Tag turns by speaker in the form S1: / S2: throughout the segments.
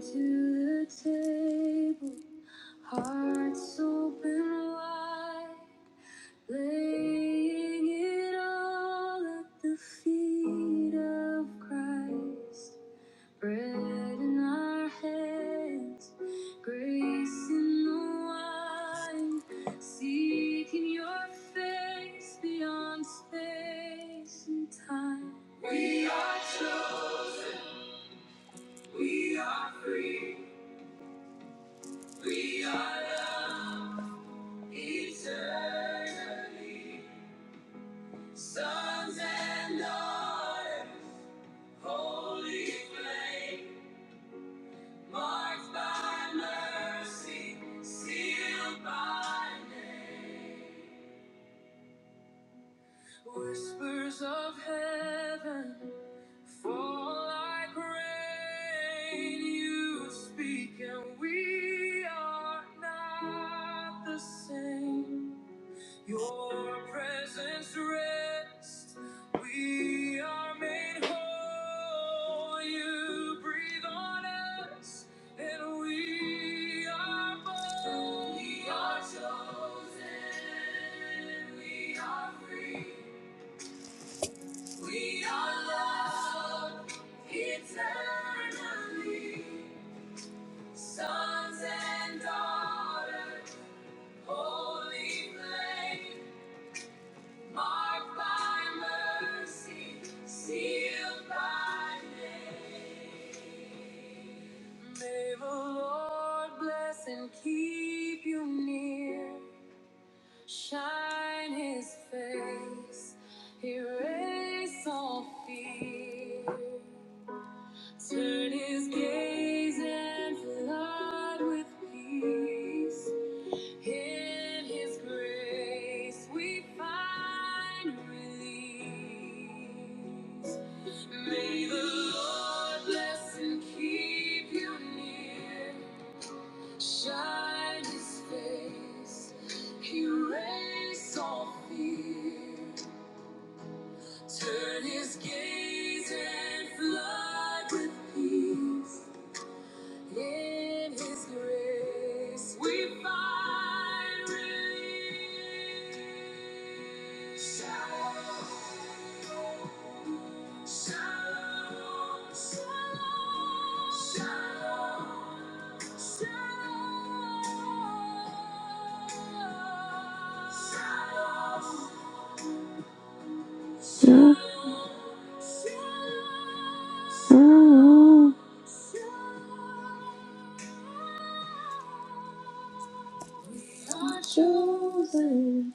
S1: to the table, hearts open wide, laying it all at the feet of Christ. Bread in our hands, grace in the wine, seeking your face beyond space and time. We are chosen, we are free. We are loved eternally, sons and daughters, holy flame, marked by mercy, sealed by name. Whispers of heaven fall like rain. You speak, and we are not the same. Your presence rests. We are made whole. You breathe on us, and we are born. We are chosen. We are free. We are loved eternally. Sons and daughters, holy flame. Marked by mercy, sealed by name. May the Lord bless and keep you near. Shine his face, erase all fear. Turn his gaze and flood with peace. In His grace we find release. May the Lord bless and keep you near. Shine His face, erase all fear. Turn His gaze and flood with peace. In His grace, we find relief. Shalom, shalom, shalom, shalom, shalom. Chosen,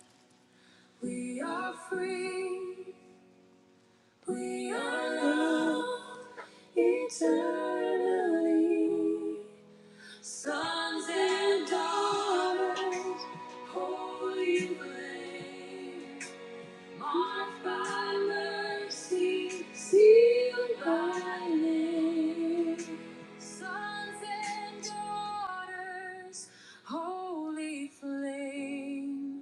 S1: we are free, we are loved eternally. Sons and daughters, holy flame. Marked by mercy, sealed by name. Sons and daughters, holy flame.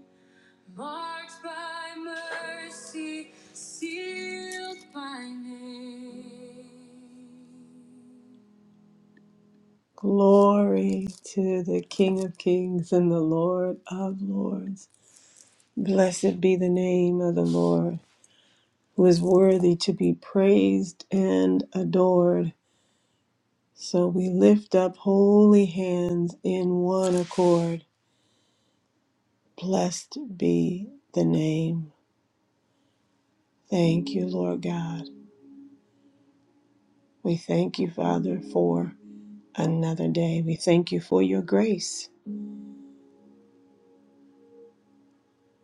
S1: Marked by mercy, sealed by name. Lord, blessed be the name of the Lord, who is worthy to be praised and adored. So we lift up holy hands in one accord. Blessed be the name. Thank you, Lord God. We thank you, Father, for the day. We thank you for your grace.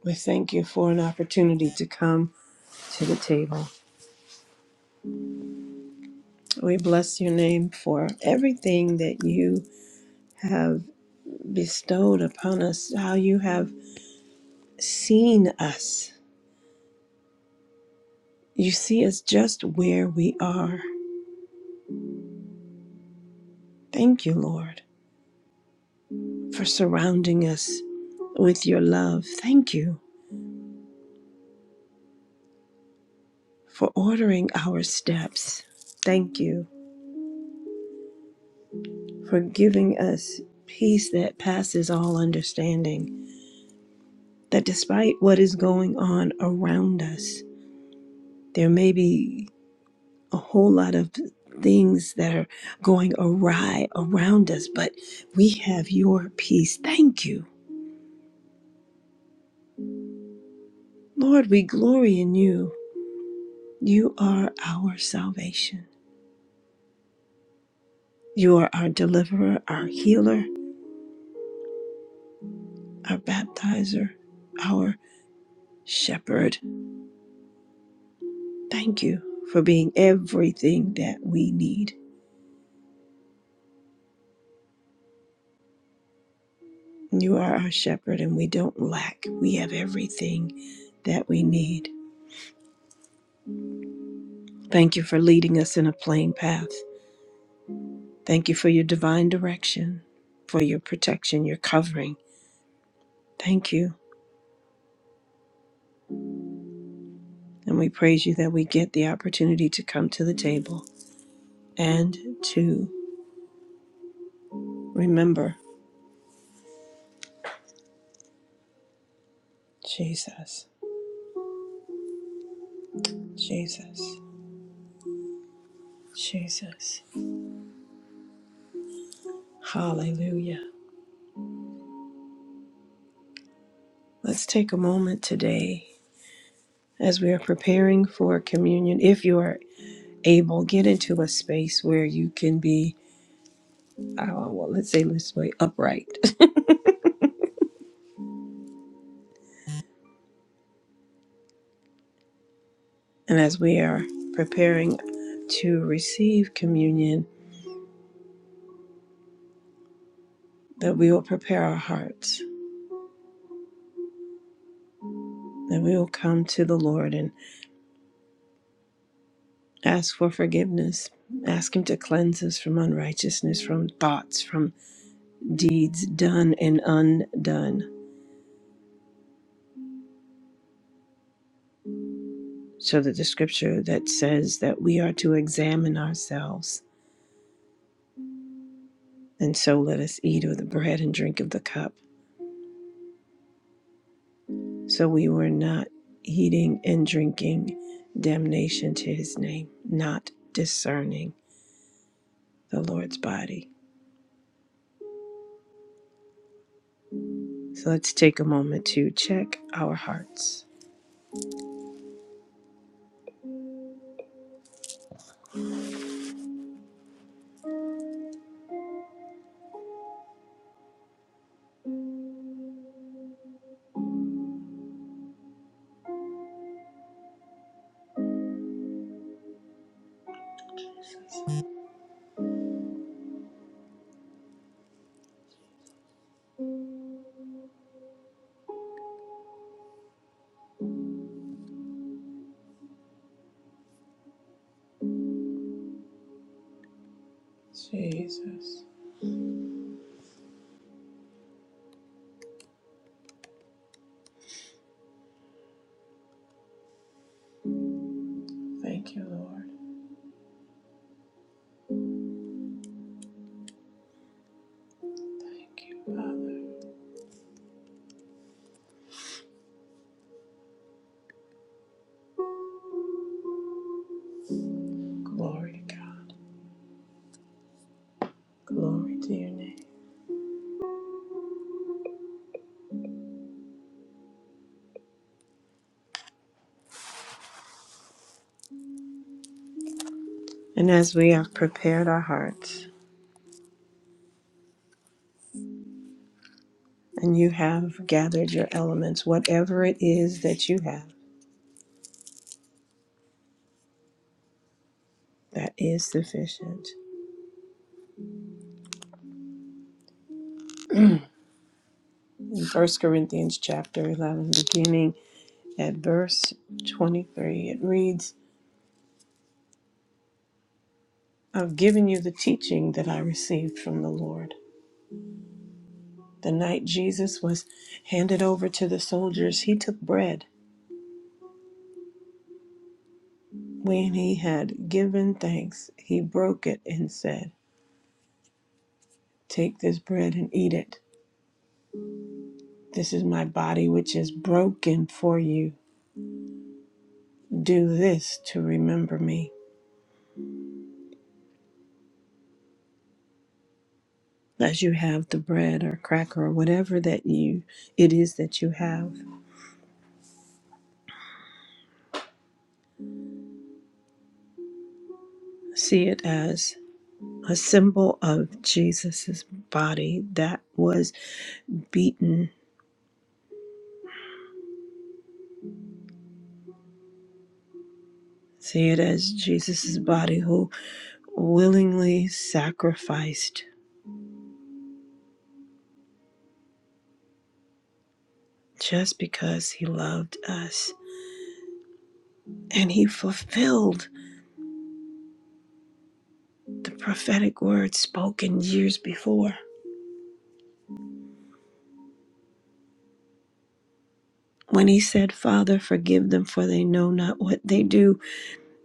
S1: We thank you for an opportunity to come to the table. We bless your name for everything that you have bestowed upon us, how you have seen us. You see us just where we are. Thank you, Lord. for surrounding us with your love. Thank you for ordering our steps. Thank you for giving us peace that passes all understanding. That despite what is going on around us, there may be a whole lot of things that are going awry around us, but we have your peace. Thank you. Lord, we glory in you. You are our salvation. You are our deliverer, our healer, our baptizer, our shepherd. Thank you for being everything that we need. You are our shepherd and we don't lack. We have everything that we need. Thank you for leading us in a plain path. Thank you for your divine direction, for your protection, your covering. Thank you. And we praise you that we get the opportunity to come to the table and to remember Jesus, Jesus, Jesus. Hallelujah. Let's take a moment today as we are preparing for communion. If you are able, get into a space where you can be, uh, well, let's say this way, upright. and as we are preparing to receive communion, that we will prepare our hearts, that we will come to the Lord and ask for forgiveness, ask Him to cleanse us from unrighteousness, from thoughts, from deeds done and undone. So that the scripture that says that we are to examine ourselves, and so let us eat of the bread and drink of the cup. So we were not eating and drinking damnation to his name, not discerning the Lord's body. So let's take a moment to check our hearts. Jesus, thank you, Lord. Thank you, Father. Glory to God. Glory to your name. And as we have prepared our hearts, And you have gathered your elements, whatever it is that you have, that is sufficient. In 1 Corinthians chapter 11, beginning at verse 23, it reads, I've given you the teaching that I received from the Lord. The night Jesus was handed over to the soldiers, he took bread. When he had given thanks, he broke it and said, 'Take this bread and eat it. This is my body, which is broken for you. Do this to remember me as you have the bread or cracker or whatever that you it is that you have. See it as a symbol of Jesus's body that was beaten. See it as Jesus's body who willingly sacrificed just because he loved us. And he fulfilled the prophetic word spoken years before when he said, Father, forgive them, for they know not what they do.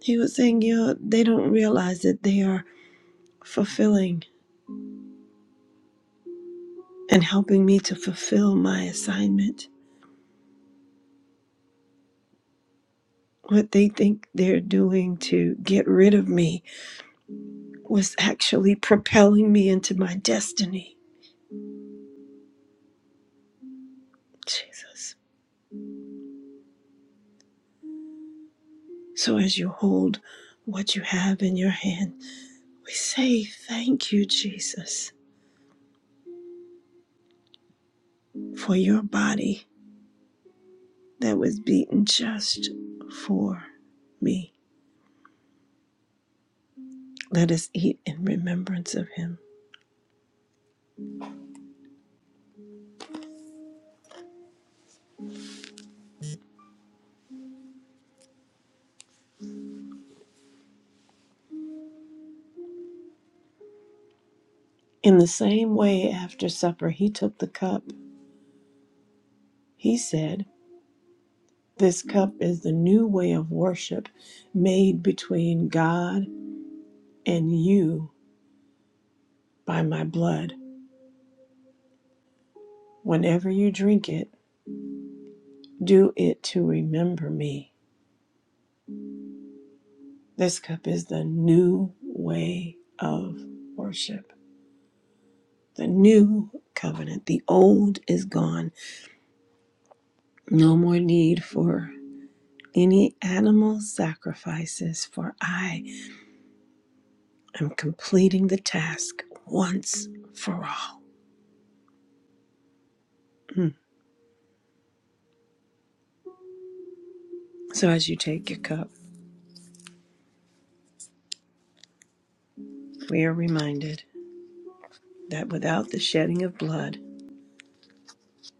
S1: He was saying, you know, they don't realize that they are fulfilling and helping me to fulfill my assignment. What they think they're doing to get rid of me was actually propelling me into my destiny. Jesus. So as you hold what you have in your hand, we say, Thank you, Jesus, for your body that was beaten just for me. Let us eat in remembrance of him. In the same way, after supper, he took the cup. He said, This cup is the new way of worship made between God and you by my blood. Whenever you drink it, do it to remember me. This cup is the new way of worship, the new covenant. The old is gone. No more need for any animal sacrifices, for I I'm completing the task once for all. Mm. So, as you take your cup, we are reminded that without the shedding of blood,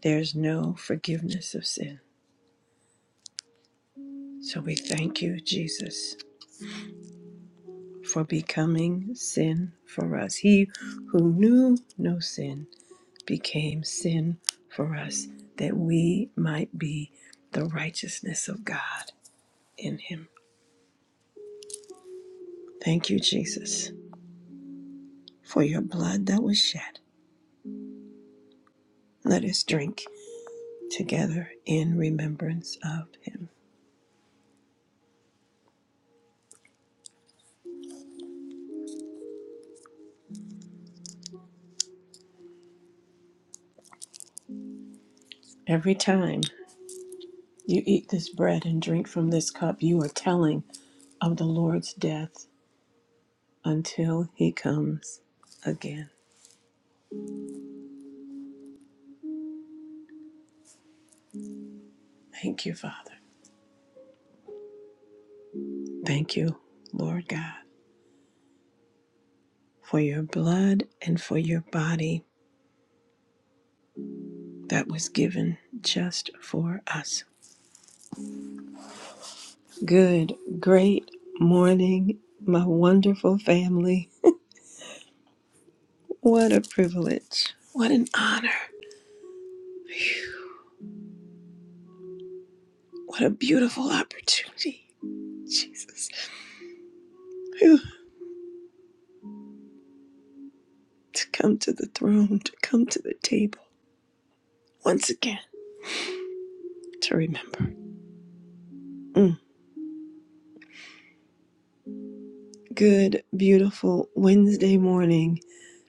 S1: there's no forgiveness of sin. So, we thank you, Jesus, for becoming sin for us. He who knew no sin became sin for us, that we might be the righteousness of God in him. Thank you, Jesus, for your blood that was shed. Let us drink. together in remembrance of him. Every time you eat this bread and drink from this cup, you are telling of the Lord's death until he comes again. Thank you, Father. Thank you, Lord God, for your blood and for your body that was given just for us. Good, great morning, my wonderful family. What a privilege. What an honor. What a beautiful opportunity Jesus, to come to the throne, to come to the table once again to remember. Mm. Good, beautiful Wednesday morning,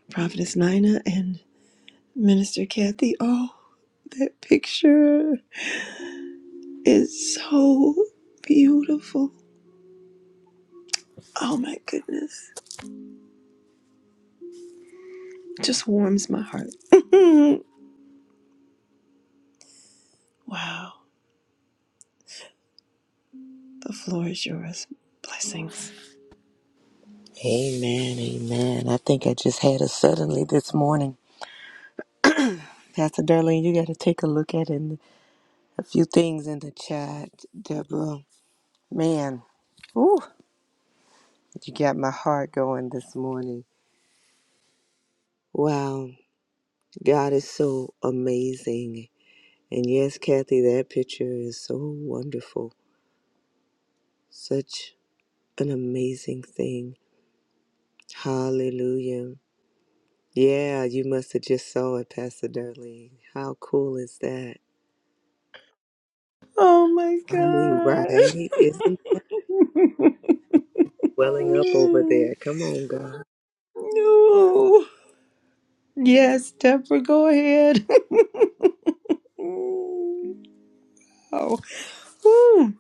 S1: Prophetess Nina and Minister Kathy. Oh, that picture is so beautiful. Oh my goodness, just warms my heart. wow, the floor is yours. Blessings.
S2: Amen, amen. I think I just had a suddenly this morning. Pastor Darlene, you got to take a look at in a few things in the chat. Deborah, man, ooh, you got my heart going this morning. Wow, God is so amazing. And yes, Kathy, that picture is so wonderful. Such an amazing thing. Hallelujah. Yeah, you must have just saw it, Pastor Darlene. How cool is that?
S1: Oh my
S2: I mean,
S1: God.
S2: right? Isn't welling up over
S1: Mm.
S2: there. Come on, God.
S1: No. Yes, Deborah, go ahead. oh, woo,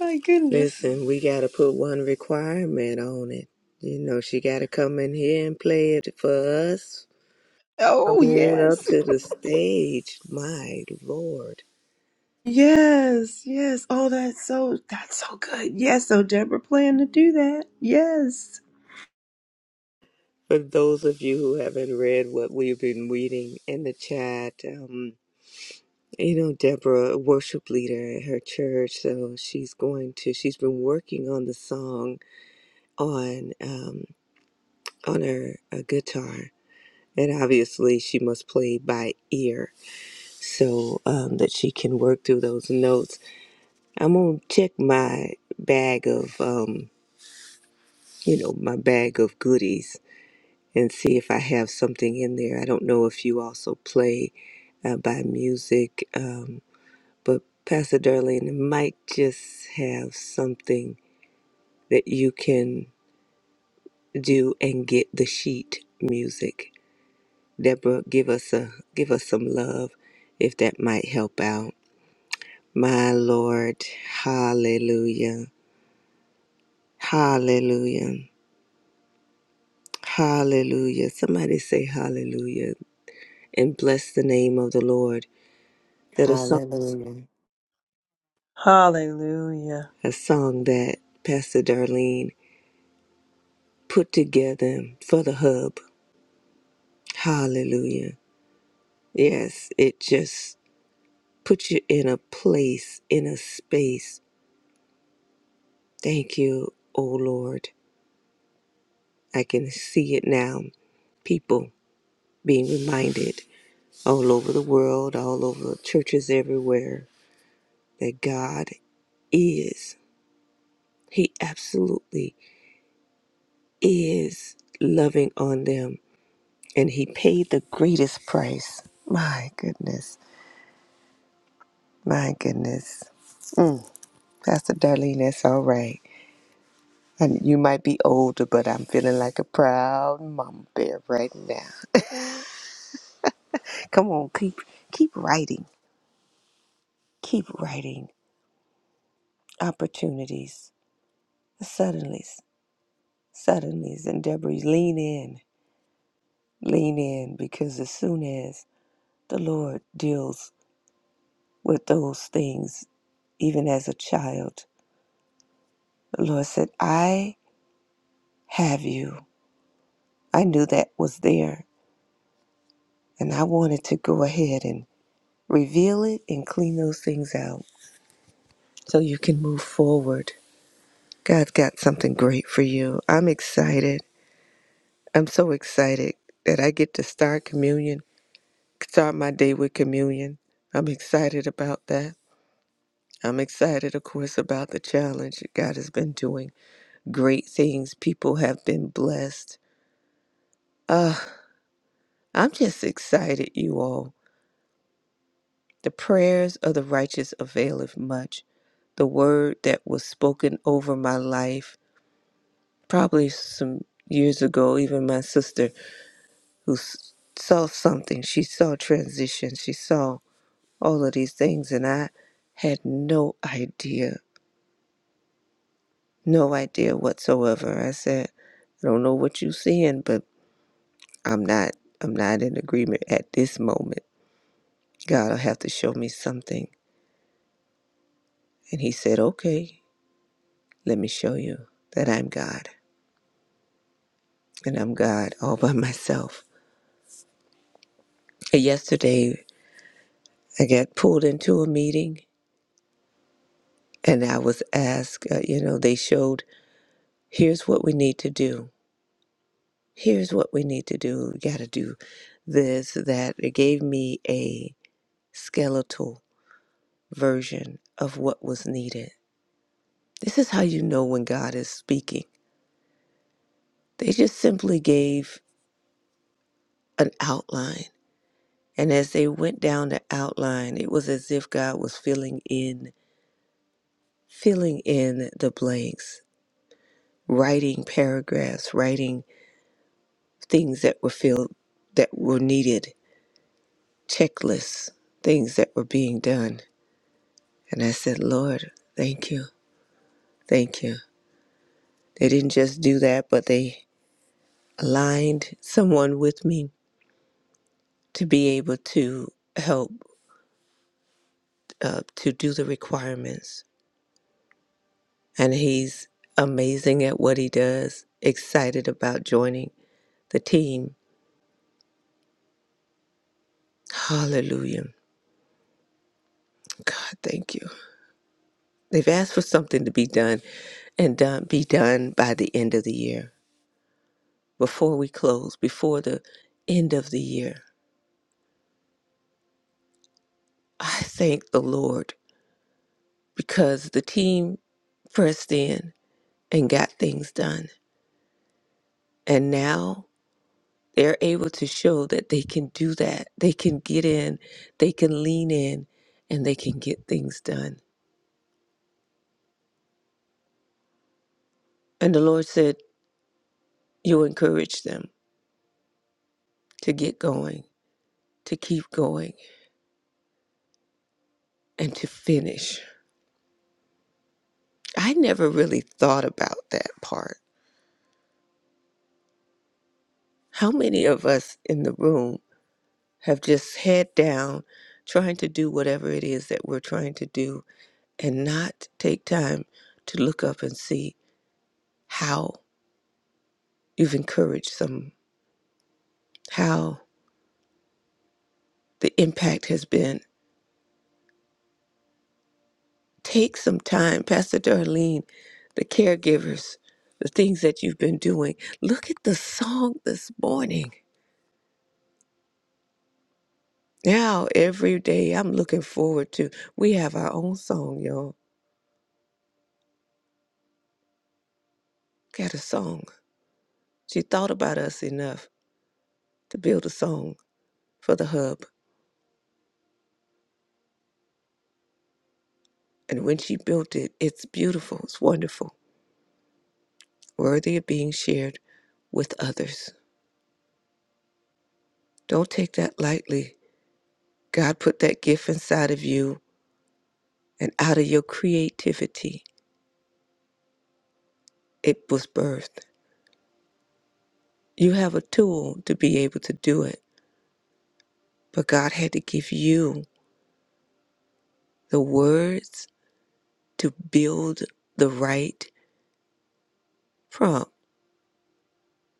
S1: my goodness.
S2: Listen, we got to put one requirement on it. You know, she got to come in here and play it for us. Come
S1: Oh,
S2: on up
S1: yes.
S2: to the stage, my Lord.
S1: Yes, yes. Oh, that's so, that's so good. Yes, so Deborah planned to do that. Yes.
S2: For those of you who haven't read what we've been reading in the chat, um, you know, Deborah, a worship leader at her church, so she's going to, she's been working on the song on, um, on her uh, guitar And obviously, she must play by ear so um, that she can work through those notes. I'm going to check my bag of, um, you know, my bag of goodies and see if I have something in there. I don't know if you also play uh, by music, um, but Pastor Darlene might just have something that you can do and get the sheet music. Deborah, give us a give us some love if that might help out. My Lord, hallelujah, hallelujah, hallelujah. Somebody say hallelujah and bless the name of the Lord. That a song,
S3: Hallelujah.
S1: Hallelujah.
S2: a song that Pastor Darlene put together for the hub. Hallelujah. Yes, it just puts you in a place, in a space. Thank you, oh Lord. I can see it now. People being reminded all over the world, all over churches everywhere, that God is. He absolutely is loving on them. And He paid the greatest price. My goodness. My goodness. Pastor Darlene, that's all right. And you might be older, but I'm feeling like a proud mama bear right now. Come on, keep keep writing. Keep writing. Opportunities. Suddenlies. Suddenlies. And Deborah, lean in Lean in because as soon as the Lord deals with those things, even as a child, the Lord said, I have you. I knew that was there, and I wanted to go ahead and reveal it and clean those things out so you can move forward. God's got something great for you. I'm excited. I'm so excited that I get to start communion, start my day with communion. I'm excited about that. I'm excited, of course, about the challenge. God has been doing great things. People have been blessed. Uh, I'm just excited, you all. The prayers of the righteous availeth much. The word that was spoken over my life, probably some years ago, even my sister who s- saw something, she saw transition, she saw all of these things, and I had no idea No idea whatsoever. I said, I don't know what you're seeing, but I'm not I'm not in agreement at this moment. God'll have to show me something. And he said, Okay, let me show you that I'm God. And I'm God all by myself. And yesterday I got pulled into a meeting and I was asked, uh, you know, they showed, here's what we need to do. Here's what we need to do. We got to do this, that. It gave me a skeletal version of what was needed. This is how you know when God is speaking. They just simply gave an outline. And as they went down the outline, it was as if God was filling in, filling in the blanks, writing paragraphs, writing things that were filled, that were needed, checklists, things that were being done. And I said, Lord, thank you, thank you. They didn't just do that, but they aligned someone with me to be able to help uh, to do the requirements. And he's amazing at what he does, excited about joining the team. Hallelujah. God, thank you. They've asked for something to be done and done, be done by the end of the year, before we close, before the end of the year. I thank the Lord because the team pressed in and got things done. And now they're able to show that they can do that. They can get in, they can lean in, and they can get things done. And the Lord said, You encourage them to get going, to keep going, and to finish. I never really thought about that part. How many of us in the room have just head down, trying to do whatever it is that we're trying to do, and not take time to look up and see how you've encouraged some, how the impact has been. Take some time, Pastor Darlene, the caregivers, the things that you've been doing. Look at the song this morning. Now, every day, I'm looking forward to. We have our own song, y'all. Got a song. She thought about us enough to build a song for the hub. And when she built it, it's beautiful, it's wonderful, worthy of being shared with others. Don't take that lightly. God put that gift inside of you and out of your creativity, it was birthed. You have a tool to be able to do it, but God had to give you the words to build the right prompt,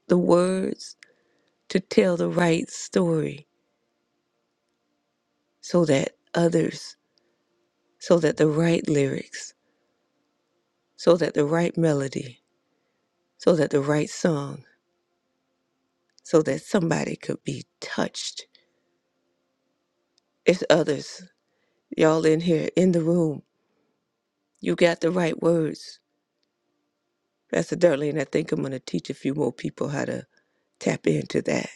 S2: the words to tell the right story so that others, so that the right lyrics, so that the right melody, so that the right song, so that somebody could be touched. It's others, y'all in here in the room. You got the right words Pastor Darlene, I think I'm going to teach a few more people how to tap into that.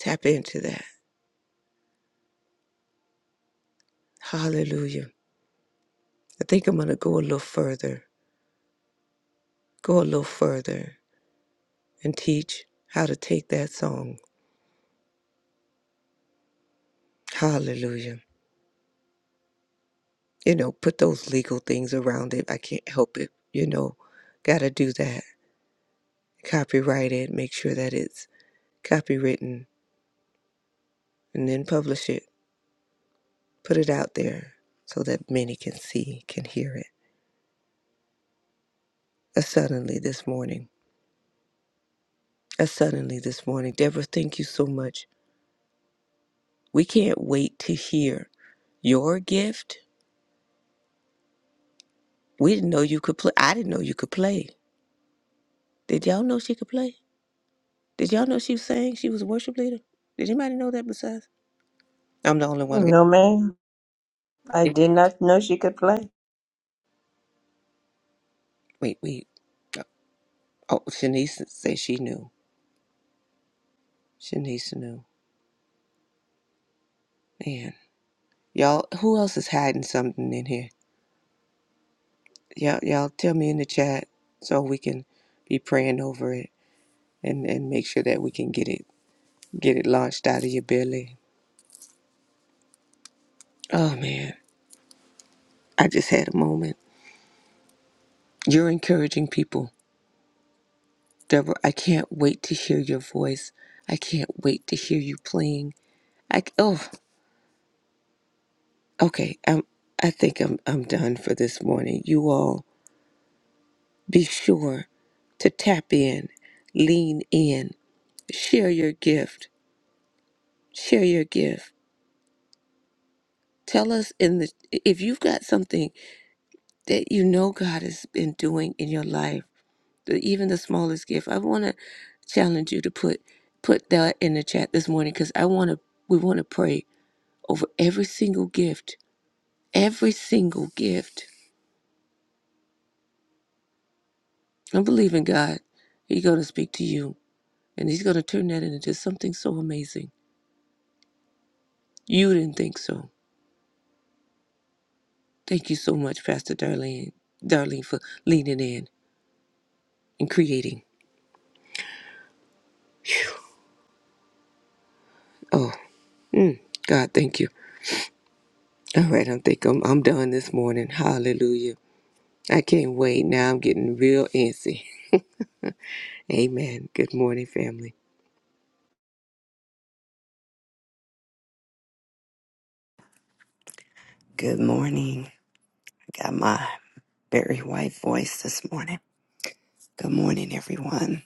S2: Tap into that. Hallelujah. I think I'm going to go a little further, go a little further and teach how to take that song. Hallelujah. You know, put those legal things around it. I can't help it. You know, got to do that. Copyright it, make sure that it's copywritten, and then publish it. Put it out there so that many can see, can hear it. Uh, suddenly this morning. us suddenly this morning. Deborah, thank you so much. We can't wait to hear your gift. We didn't know you could play. I didn't know you could play. Did y'all know she could play? Did y'all know she was saying she was a worship leader? Did anybody know that besides? I'm the only one. that-
S1: No, ma'am. I
S2: Yeah.
S1: did not know she could play.
S2: Wait, wait. Oh, oh, Shanice said she knew. Shanice knew. Man, y'all, who else is hiding something in here? Y'all, y'all tell me in the chat so we can be praying over it and, and make sure that we can get it get it launched out of your belly. Oh man, I just had a moment. You're encouraging people. Deborah, I can't wait to hear your voice. I can't wait to hear you playing. I oh, okay. I'm I think I'm I'm done for this morning. You all be sure to tap in, lean in, share your gift. Share your gift. Tell us in the if you've got something that you know God has been doing in your life the, even the smallest gift. I want to challenge you to put put that in the chat this morning because I want to. We want to pray over every single gift, every single gift. I believe in God. He's going to speak to you, and He's going to turn that into something so amazing. You didn't think so. Thank you so much, Pastor Darlene, Darlene, for leaning in and creating. Oh, mm, God, thank you. All right, I think I'm I'm done this morning. Hallelujah. I can't wait. Now I'm getting real antsy. Amen. Good morning, family.
S3: Good morning. Got my very white voice this morning. Good morning, everyone.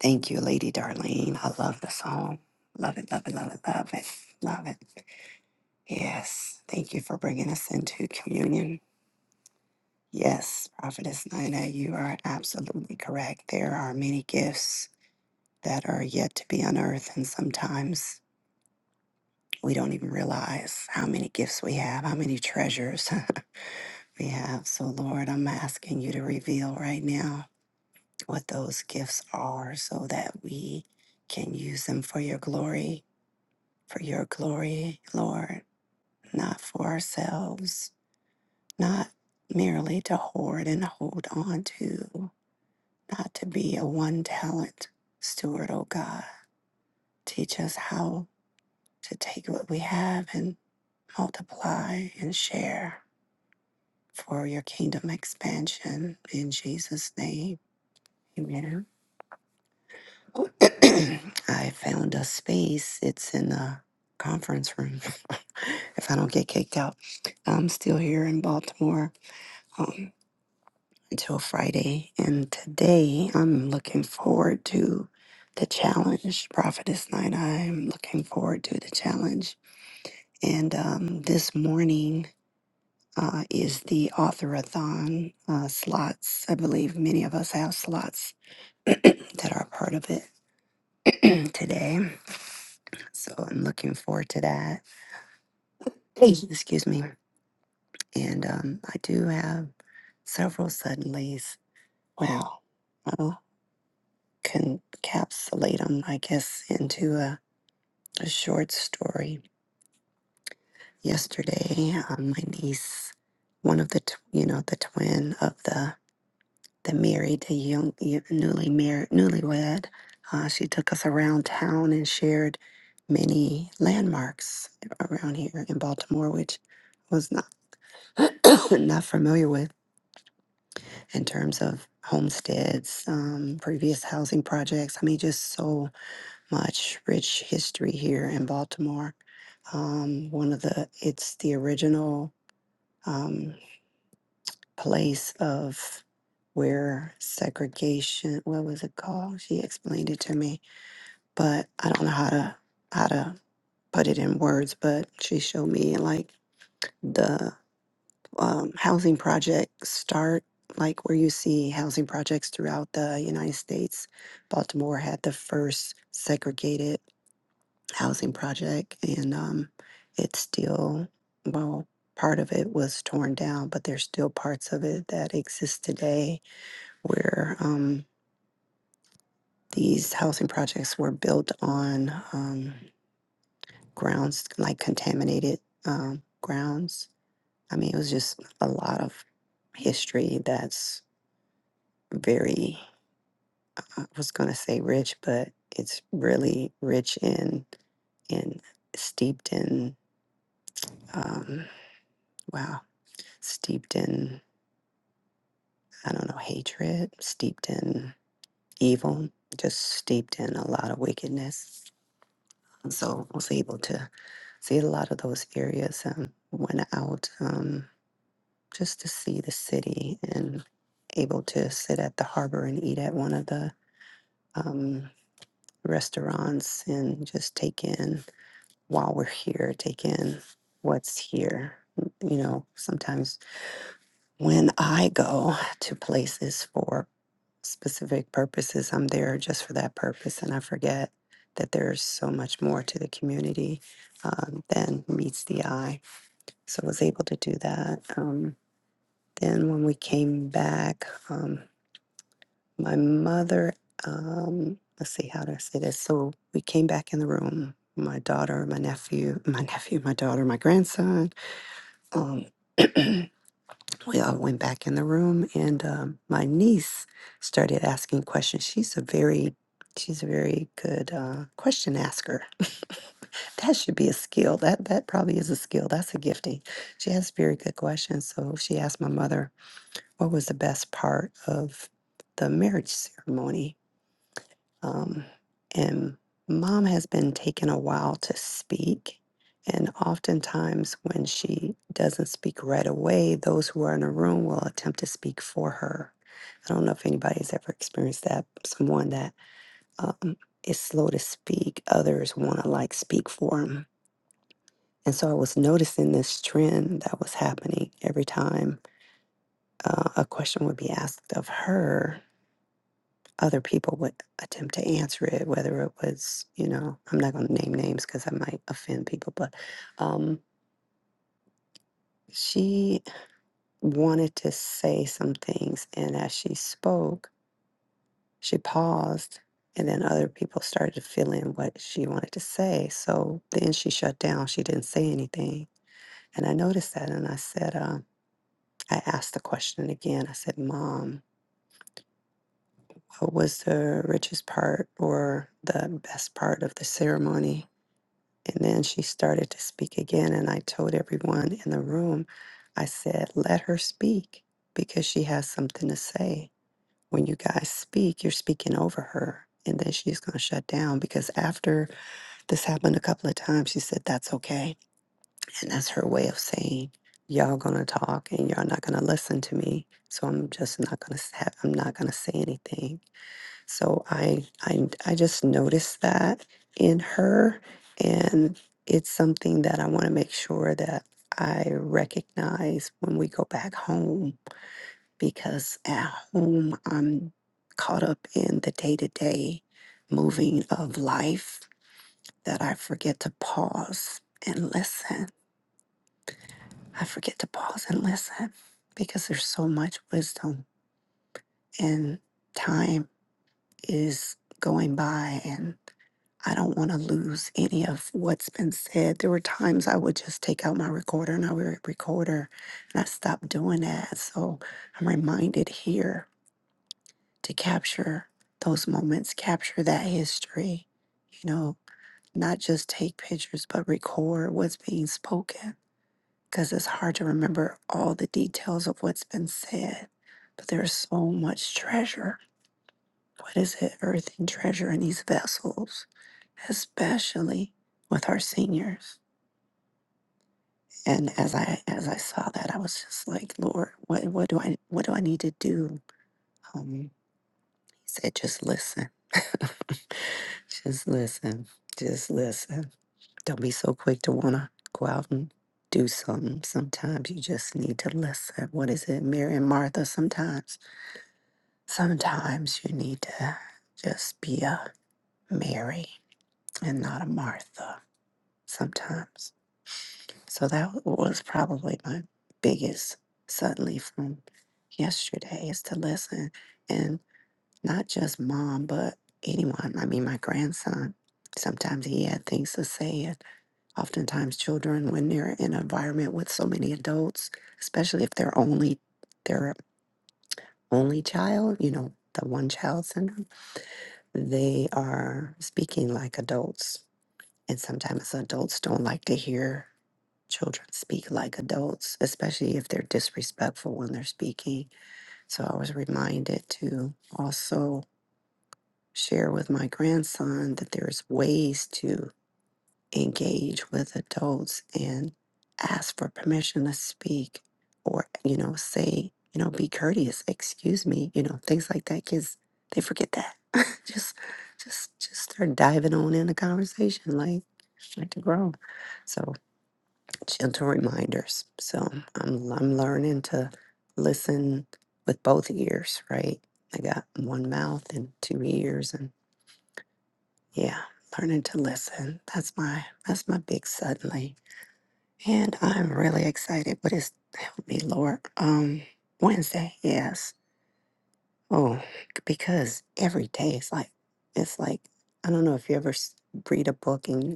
S3: Thank you, Lady Darlene. I love the song. Love it, love it, love it, love it, love it. Yes. Thank you for bringing us into communion. Yes, Prophetess Nina, you are absolutely correct. There are many gifts that are yet to be unearthed, and sometimes we don't even realize how many gifts we have, how many treasures, behalf. So, Lord, I'm asking you to reveal right now what those gifts are so that we can use them for your glory, for your glory, Lord, not for ourselves, not merely to hoard and hold on to, not to be a one talent steward, oh God. Teach us how to take what we have and multiply and share for your kingdom expansion in Jesus' name. Amen. I found a space. It's in the conference room. if I don't get kicked out, I'm still here in Baltimore um, until Friday. And today, I'm looking forward to the challenge. Prophetess Night, I'm looking forward to the challenge. And um, this morning uh, is the authorathon uh, slots. I believe many of us have slots that are part of it today. So I'm looking forward to that. Excuse me. And um, I do have several suddenlies. Wow. I'll encapsulate them, I guess, into a, a short story. Yesterday, um, my niece, one of the, tw- you know, the twin of the that married the young, y- newly married, newlywed. Uh, she took us around town and shared many landmarks around here in Baltimore, which I was not not familiar with in terms of homesteads, um, previous housing projects. I mean, just so much rich history here in Baltimore. Um, one of the, it's the original. Um, place of where segregation what was it called she explained it to me but i don't know how to how to put it in words but she showed me like the um, housing project start like where you see housing projects throughout the united states baltimore had the first segregated housing project and um, it's still well part of it was torn down but there's still parts of it that exist today where um, these housing projects were built on um, grounds like contaminated um, grounds. I mean, it was just a lot of history that's very, I was going to say rich, but it's really rich in, in steeped in, um, wow, steeped in, I don't know, hatred, steeped in evil, just steeped in a lot of wickedness. And so I was able to see a lot of those areas and went out um, just to see the city and able to sit at the harbor and eat at one of the um, restaurants and just take in while we're here, take in what's here. You know, sometimes when I go to places for specific purposes. I'm there just for that purpose, and I forget that there's so much more to the community um, than meets the eye. So I was able to do that. Um, then when we came back, um, my mother, um, let's see how to say this. So we came back in the room. My daughter, my nephew, my nephew, my daughter, my grandson. Um, we all went back in the room and um, my niece started asking questions she's a very she's a very good uh, question asker that should be a skill that that probably is a skill that's a gifting she has very good questions so she asked my mother what was the best part of the marriage ceremony um, and mom has been taking a while to speak. And oftentimes, when she doesn't speak right away, those who are in the room will attempt to speak for her. I don't know if anybody's ever experienced that. Someone that um, is slow to speak, others want to like speak for them. And so I was noticing this trend that was happening every time uh, a question would be asked of her. other people would attempt to answer it, whether it was, you know, I'm not going to name names because I might offend people, but um, she wanted to say some things. And as she spoke, she paused, and then other people started to fill in what she wanted to say. So then she shut down. She didn't say anything. And I noticed that. And I said, uh, I asked the question again. I said, Mom, what was the richest part or the best part of the ceremony? And then she started to speak again. And I told everyone in the room, I said, let her speak because she has something to say. When you guys speak, you're speaking over her. And then she's going to shut down because after this happened a couple of times, she said, that's okay. And that's her way of saying, y'all going to talk and y'all not going to listen to me. So I'm just not going to, I'm not going to say anything. So I I I just noticed that in her and it's something that I want to make sure that I recognize when we go back home because at home I'm caught up in the day-to-day moving of life that I forget to pause and listen. I forget to pause and listen because there's so much wisdom and time is going by and. I don't want to lose any of what's been said. There were times I would just take out my recorder and I would recorder, and I stopped doing that. So I'm reminded here to capture those moments, capture that history, you know, not just take pictures, but record what's being spoken because it's hard to remember all the details of what's been said. But there's so much treasure what is it, earth and treasure in these vessels, especially with our seniors? And as I as I saw that, I was just like, Lord, what what do I what do I need to do? Um, he said, just listen, just listen, just listen. Don't be so quick to wanna go out and do something. Sometimes you just need to listen. What is it, Mary and Martha? Sometimes, sometimes you need to just be a Mary and not a Martha sometimes. So that was probably my biggest suddenly from yesterday is to listen and not just mom, but anyone. I mean, my grandson. Sometimes he had things to say, and oftentimes children, when they're in an environment with so many adults, especially if they're only their only child, you know, the one child syndrome, they are speaking like adults, and sometimes adults don't like to hear children speak like adults, especially if they're disrespectful when they're speaking. So I was reminded to also share with my grandson that there's ways to engage with adults and ask for permission to speak or, you know, say, you know, be courteous, excuse me, you know, things like that. Kids, they forget that. just, just, just start diving on in the conversation like, like to grow. So gentle reminders. So I'm I'm learning to listen with both ears, right? I got one mouth and two ears and yeah, learning to listen. That's my that's my big suddenly. And I'm really excited, but it's help me, Lord. Um Wednesday, yes. Oh, because every day it's like it's like I don't know if you ever s- read a book and.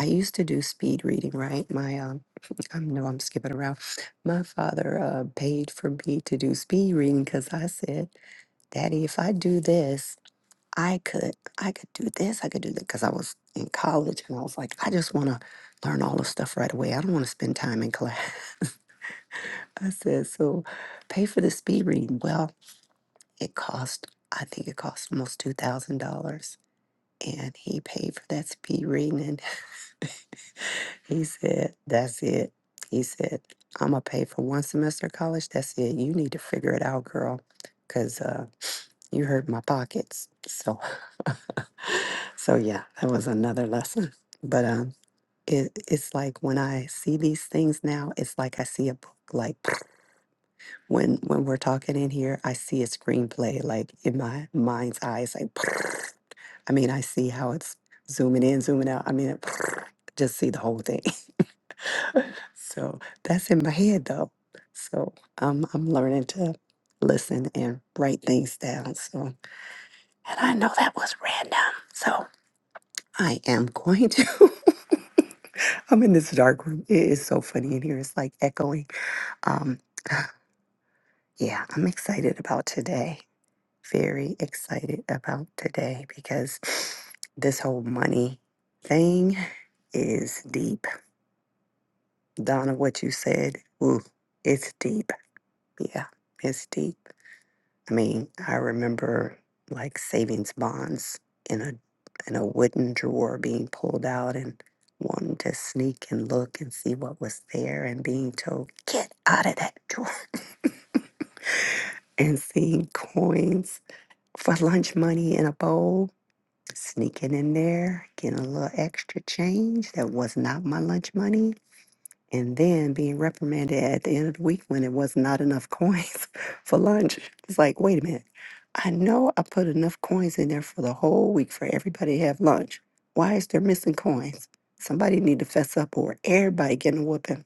S3: I used to do speed reading, right? My um, I know I'm skipping around. My father uh, paid for me to do speed reading because I said, "Daddy, if I do this, I could, I could do this, I could do that." Because I was in college and I was like, I just want to learn all the stuff right away. I don't want to spend time in class. I said, "So, pay for the speed reading." Well, it cost, I think it cost almost two thousand dollars, and he paid for that speed reading. He said, That's it. He said, I'm going to pay for one semester of college. That's it. You need to figure it out, girl, because uh, you hurt my pockets. So, so yeah, that was another lesson. But um, it, it's like when I see these things now, it's like I see a book. Like when when we're talking in here, I see a screenplay like in my mind's eye. It's like I mean, I see how it's zooming in, zooming out. I mean, just see the whole thing. So that's in my head though. So um, I'm learning to listen and write things down. So, and I know that was random. So I am going to. I'm in this dark room. It is so funny in here. It's like echoing. Um, yeah, I'm excited about today. Very excited about today because this whole money thing is deep. Donna, what you said, ooh, it's deep. Yeah, it's deep. I mean, I remember like savings bonds in a in a wooden drawer being pulled out and wanting to sneak and look and see what was there and being told, get out of that drawer and seeing coins for lunch money in a bowl, sneaking in there, getting a little extra change that was not my lunch money and then being reprimanded at the end of the week when it was not enough coins for lunch. It's like, wait a minute, I know I put enough coins in there for the whole week for everybody to have lunch. Why is there missing coins? Somebody need to fess up or everybody getting a whooping.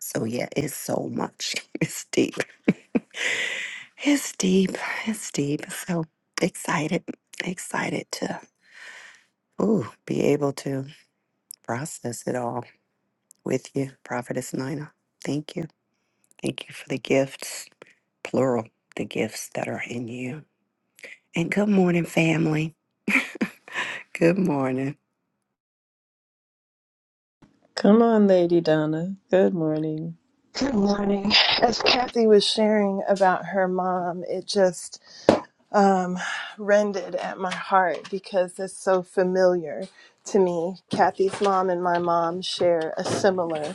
S3: So yeah, it's so much. It's deep. It's deep. It's deep. So excited, excited to ooh, be able to process it all with you, Prophetess Nina. Thank you. Thank you for the gifts, plural, the gifts that are in you. And good morning, family. Good morning.
S1: Come on, Lady Donna. Good morning.
S4: Good morning. As Kathy was sharing about her mom, it just um, rended at my heart because it's so familiar to me. Kathy's mom and my mom share a similar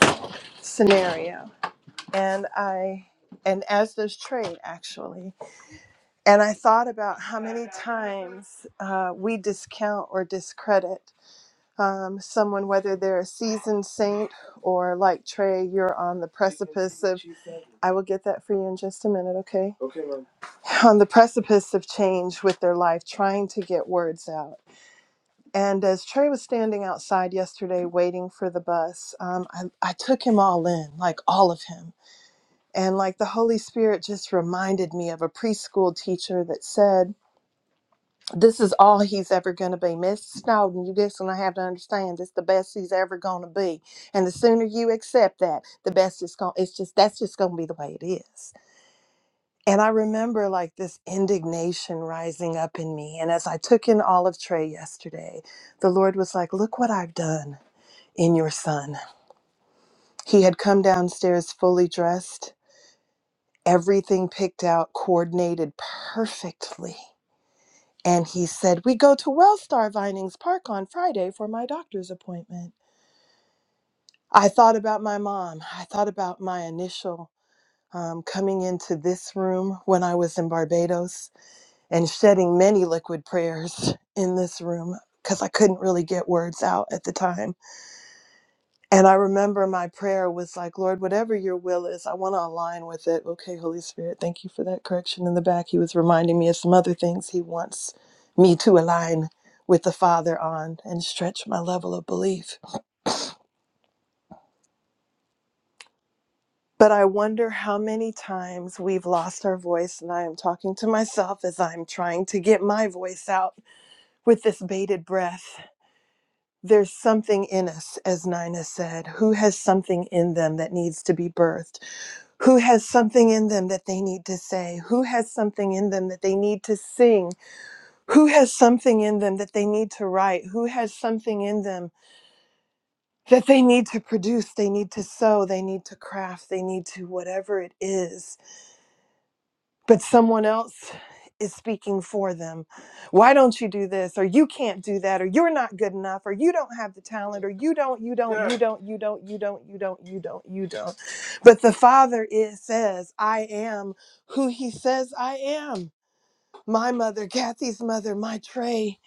S4: scenario, and I and as does Trey actually. And I thought about how many times uh, we discount or discredit um, someone, whether they're a seasoned saint or like Trey, you're on the precipice of, I will get that for you in just a minute, okay? On the precipice of change with their life, trying to get words out. And as Trey was standing outside yesterday waiting for the bus, um, I, I took him all in, like all of him. And like the Holy Spirit just reminded me of a preschool teacher that said, this is all he's ever going to be. Miss Snowden, you just going to have to understand this the best he's ever going to be. And the sooner you accept that, the best it's going to, it's just, that's just going to be the way it is. And I remember like this indignation rising up in me. And as I took in Olive of Trey yesterday, the Lord was like, look what I've done in your son. He had come downstairs fully dressed, everything picked out, coordinated perfectly And he said, We go to Wellstar Vinings Park on Friday for my doctor's appointment. I thought about my mom. I thought about my initial um, coming into this room when I was in Barbados and shedding many liquid prayers in this room because I couldn't really get words out at the time. And I remember my prayer was like, Lord, whatever your will is, I want to align with it. Okay, Holy Spirit, thank you for that correction in the back. He was reminding me of some other things he wants me to align with the Father on and stretch my level of belief. But I wonder how many times we've lost our voice, and I am talking to myself as I'm trying to get my voice out with this bated breath. There's something in us, as Nina said, who has something in them that needs to be birthed who has something in them that they need to say, who has something in them that they need to sing, who has something in them that they need to write, who has something in them that they need to produce, they need to sew, they need to craft, they need to whatever it is but someone else is speaking for them. Why don't you do this? Or you can't do that? Or you're not good enough? Or you don't have the talent? Or you don't, you don't, you don't, you don't, you don't, you don't, you don't, you don't. But the Father is, says, I am who He says I am. My mother, Kathy's mother, my Trey,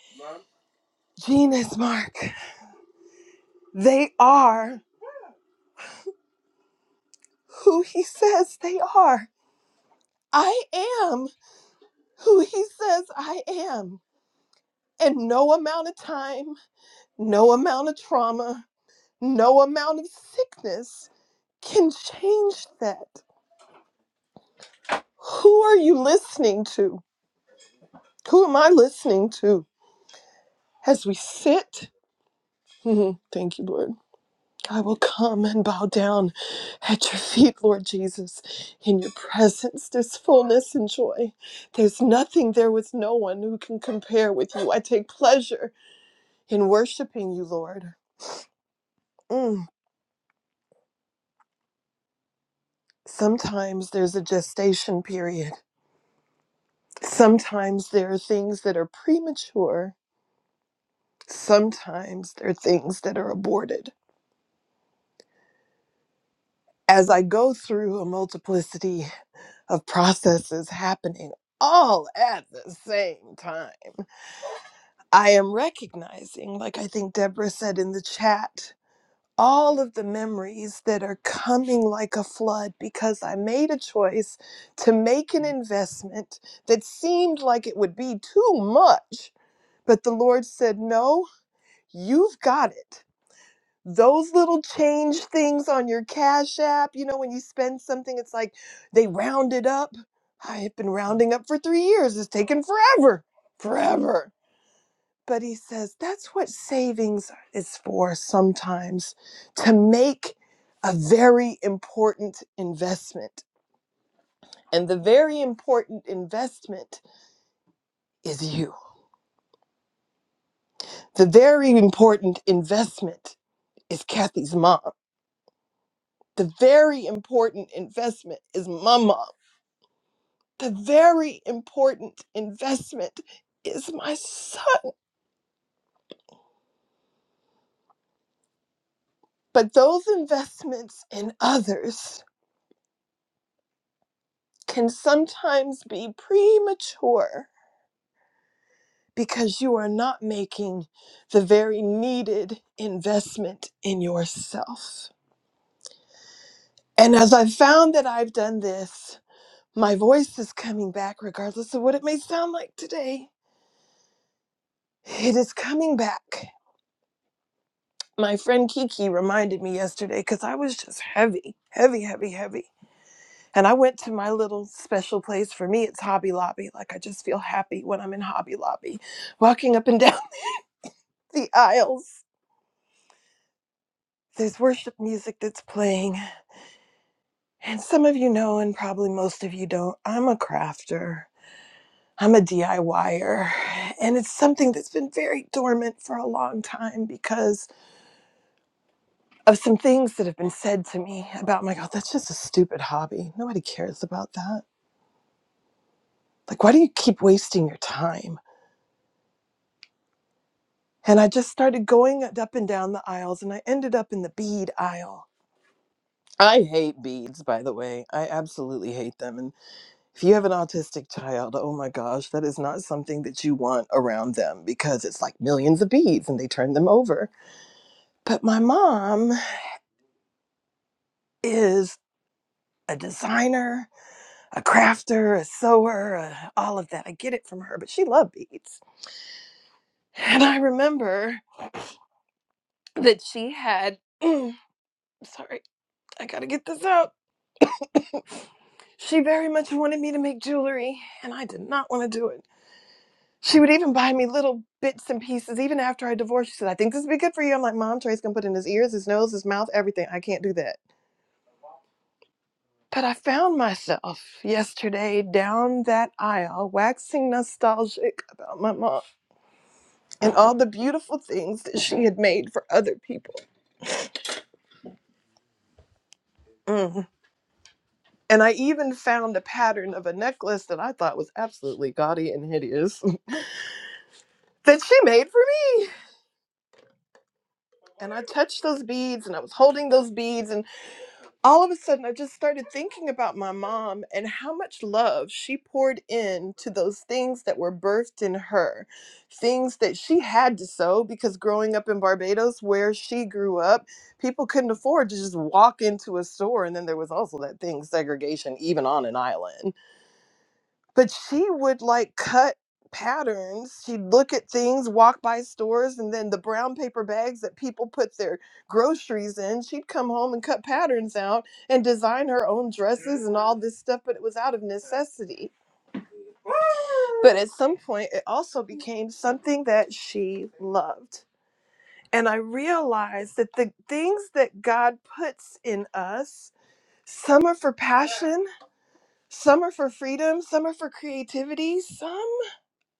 S4: Gina's Mark, they are who He says they are. I am who He says I am. And no amount of time No amount of trauma, no amount of sickness can change that. Who are you listening to? Who am I listening to? As we sit, Mhm. thank you, Lord. I will come and bow down at your feet, Lord Jesus. In your presence, there's fullness and joy. There's nothing, there was no one who can compare with you. I take pleasure in worshiping you, Lord. Mm. Sometimes there's a gestation period Sometimes there are things that are premature, sometimes there are things that are aborted. As I go through a multiplicity of processes happening all at the same time, I am recognizing, like I think Deborah said in the chat, all of the memories that are coming like a flood because I made a choice to make an investment that seemed like it would be too much. But the Lord said, No, You've got it. Those little change things on your Cash App, you know, when you spend something, it's like they round it up. I have been rounding up for three years. It's taken forever, forever. But he says that's what savings is for sometimes to make a very important investment. And the very important investment is you. The very important investment is Kathy's mom. The very important investment is my mom. The very important investment is my son. But those investments in others can sometimes be premature because you are not making the very needed investment in yourself. And as I've found that I've done this, my voice is coming back, regardless of what it may sound like today. It is coming back my friend Kiki reminded me yesterday because I was just heavy, heavy, heavy, heavy. And I went to my little special place. For me, it's Hobby Lobby. Like, I just feel happy when I'm in Hobby Lobby. Walking up and down the aisles, there's worship music that's playing. And some of you know, and probably most of you don't, I'm a crafter. I'm a DIYer, and it's something that's been very dormant for a long time because of some things that have been said to me about my god that's just a stupid hobby nobody cares about that like why do you keep wasting your time and i just started going up and down the aisles and i ended up in the bead aisle i hate beads by the way i absolutely hate them and if you have an autistic child oh my gosh that is not something that you want around them because it's like millions of beads and they turn them over but my mom is a designer a crafter, a sewer, a, all of that. I get it from her, but she loved beads. And I remember that she had, sorry, I gotta get this out. she very much wanted me to make jewelry, and I did not want to do it. She would even buy me little bits and pieces, even after I divorced. She said, I think this would be good for you. I'm like, Mom, Trey's gonna put in his ears, his nose, his mouth, everything. I can't do that. But I found myself yesterday down that aisle, waxing nostalgic about my mom. and all the beautiful things that she had made for other people. Mm. And I even found a pattern of a necklace that I thought was absolutely gaudy and hideous that she made for me. And I touched those beads and I was holding those beads and. all of a sudden I just started thinking about my mom and how much love she poured in to those things that were birthed in her. Things that she had to sow because growing up in Barbados where she grew up, people couldn't afford to just walk into a store and then there was also that thing segregation even on an island but she would like cut patterns she'd look at things walk by stores and then the brown paper bags that people put their groceries in she'd come home and cut patterns out and design her own dresses and all this stuff but it was out of necessity but at some point it also became something that she loved and i realized that the things that god puts in us some are for passion some are for freedom some are for creativity some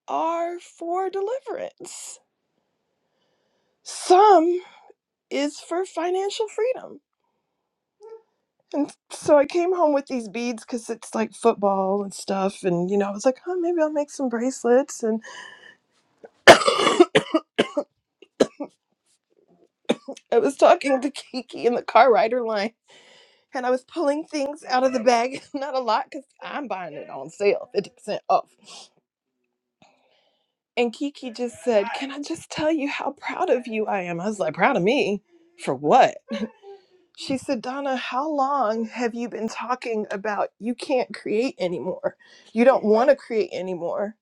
S4: are for deliverance. Some is for financial freedom. And so I came home with these beads because it's like football and stuff. And, you know, I was like, oh, maybe I'll make some bracelets. And I was talking to Kiki in the car rider line. And I was pulling things out of the bag, not a lot, because I'm buying it on sale, 50% off. And Kiki just said, Can I just tell you how proud of you I am? I was like, Proud of me? For what? She said, Donna, how long have you been talking about you can't create anymore? You don't want to create anymore.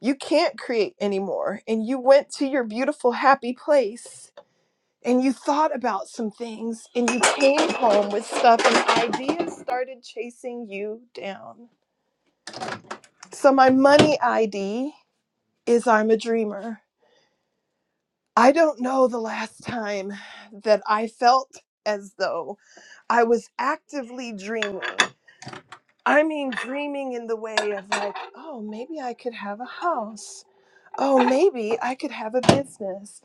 S4: You can't create anymore. And you went to your beautiful, happy place and you thought about some things and you came home with stuff and ideas started chasing you down. So, my money ID is I'm a dreamer. I don't know the last time that I felt as though I was actively dreaming. I mean, dreaming in the way of like, oh, maybe I could have a house. Oh, maybe I could have a business.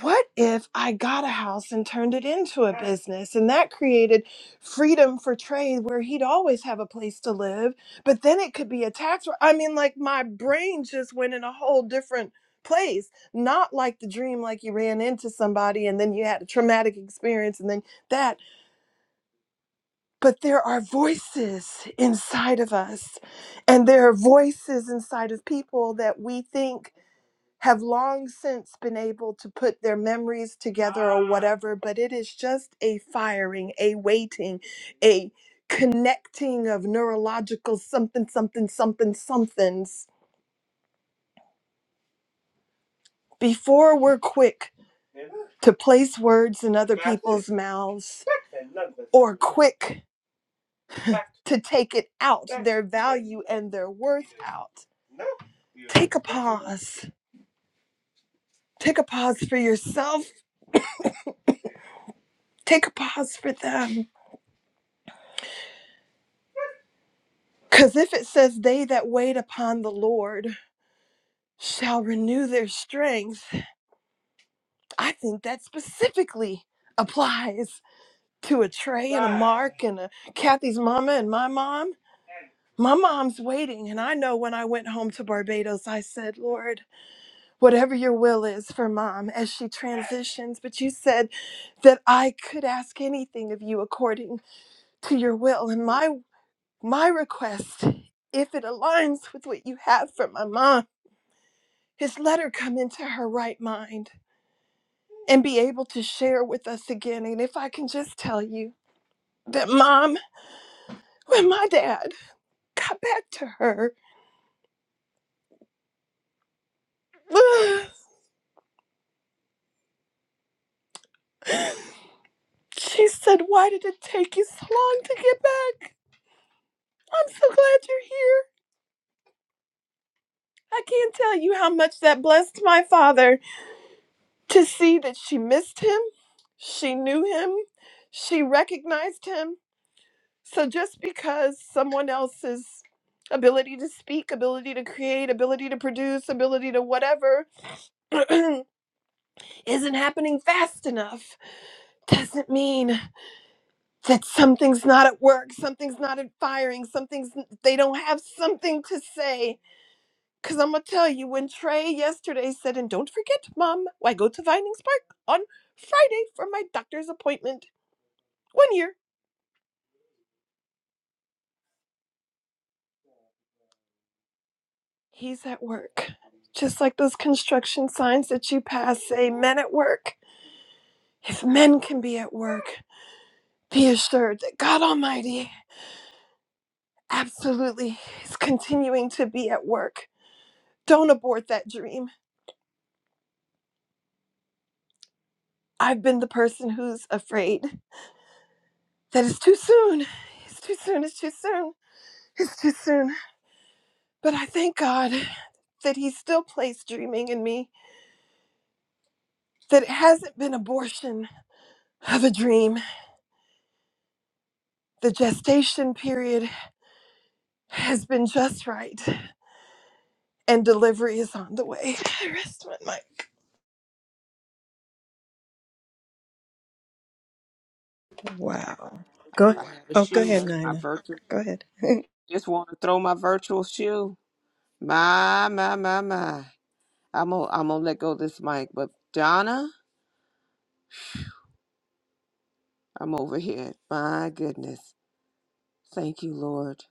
S4: What if I got a house and turned it into a business? And that created freedom for trade where he'd always have a place to live, but then it could be a tax. r- I mean, like my brain just went in a whole different place, not like the dream, like you ran into somebody and then you had a traumatic experience and then that but there are voices inside of us, and there are voices inside of people that we think have long since been able to put their memories together or whatever, but it is just a firing, a waiting, a connecting of neurological something, something, something, somethings. Before we're quick to place words in other people's mouths, or quick to take it out, their value and their worth out. Take a pause. Take a pause for yourself. Take a pause for them. Because if it says, They that wait upon the Lord shall renew their strength, I think that specifically applies to a Trey and a Mark and a Kathy's mama and my mom. My mom's waiting. And I know when I went home to Barbados, I said, Lord, whatever your will is for mom as she transitions. But you said that I could ask anything of you according to your will. And my My request, if it aligns with what you have for my mom, is let her come into her right mind and be able to share with us again. And if I can just tell you that mom, when my dad got back to her, she said, Why did it take you so long to get back? I'm so glad you're here. I can't tell you how much that blessed my father to see that she missed him, she knew him, she recognized him, So just because someone else's ability to speak, ability to create, ability to produce, ability to whatever isn't happening fast enough doesn't mean that something's not at work, something's not at firing, something's they don't have something to say. Cause I'm gonna tell you when Trey yesterday said, and don't forget, Mom, I go to Vinings Park on Friday for my doctor's appointment. One year, he's at work. Just like those construction signs that you pass say, men at work. If men can be at work, be assured that God Almighty absolutely is continuing to be at work. Don't abort that dream. I've been the person who's afraid that it's too soon. It's too soon. It's too soon. It's too soon. But I thank God that He still placed dreaming in me, that it hasn't been abortion of a dream. The gestation period has been just right. and delivery is on the way. I rest my mic.
S1: Wow.
S2: If
S1: Go,
S2: I had a
S1: oh, go
S2: shoe,
S1: ahead,
S2: my
S1: Nina.
S2: virtual
S1: Go ahead.
S2: just want to throw my virtual shoe. My my my my. I'm gonna I'm gonna let go of this mic, but Donna, I'm over here. My goodness, thank you, Lord.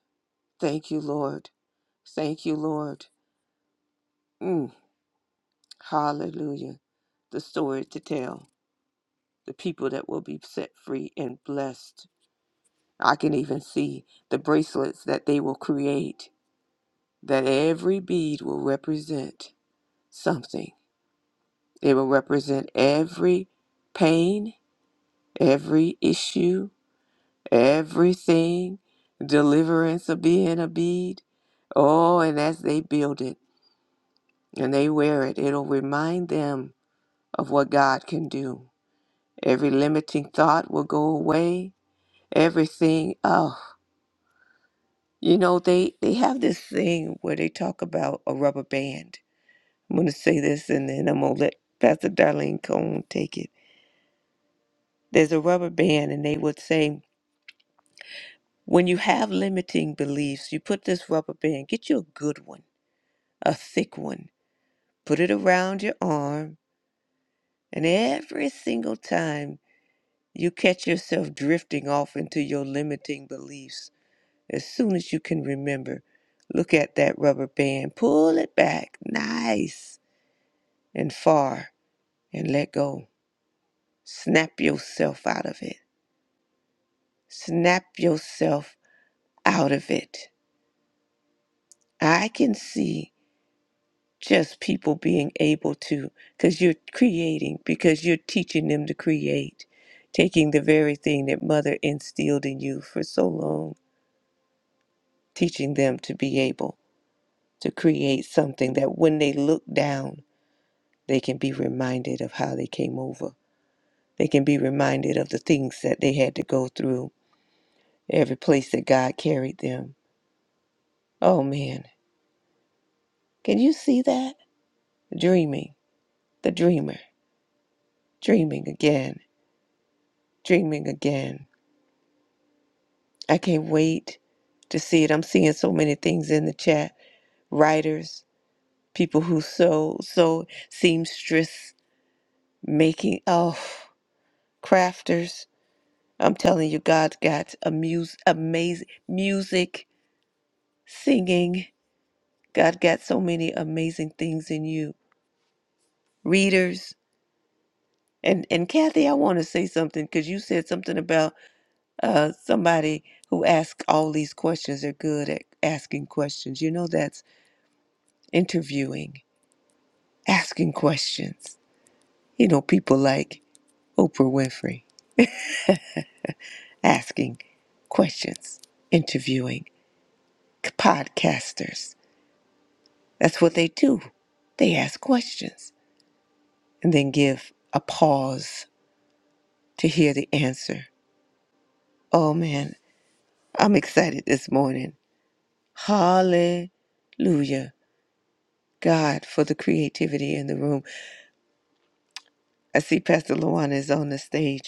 S2: Thank you, Lord. Thank you, Lord. Mm, hallelujah. The story to tell. The people that will be set free and blessed. I can even see the bracelets that they will create that every bead will represent. something. It will represent every pain, every issue, everything, deliverance of being a bead. Oh, and as they build it and they wear it, it'll remind them of what God can do. Every limiting thought will go away. Everything, oh, you know, they, they have this thing where they talk about a rubber band. I'm going to say this and then I'm going to let Pastor Darlene Cone take it There's a rubber band, and they would say, when you have limiting beliefs, you put this rubber band, get you a good one, a thick one, put it around your arm, and every single time you catch yourself drifting off into your limiting beliefs, as soon as you can remember, look at that rubber band, pull it back nice and far, and let go. Snap yourself out of it. Snap yourself out of it. I can see. just people being able to, because you're creating, because you're teaching them to create, taking the very thing that mother instilled in you for so long, teaching them to be able to create something that when they look down, they can be reminded of how they came over. They can be reminded of the things that they had to go through, every place that God carried them. Oh man, can you see that? Dreaming, the dreamer, dreaming again, dreaming again I can't wait to see it. I'm seeing so many things in the chat. Writers, people who sew, sew, seamstress, making, oh, crafters. I'm telling you, God got a mus- amazing music, singing. God got so many amazing things in you. Readers. And, and Kathy, I want to say something because you said something about uh, somebody who asks all these questions. They're good at asking questions. You know, that's interviewing asking questions. You know, people like Oprah Winfrey asking questions, interviewing podcasters. That's what they do. They ask questions and then give a pause to hear the answer. Oh man, I'm excited this morning. Hallelujah. God for the creativity in the room. I see Pastor Luana is on the stage.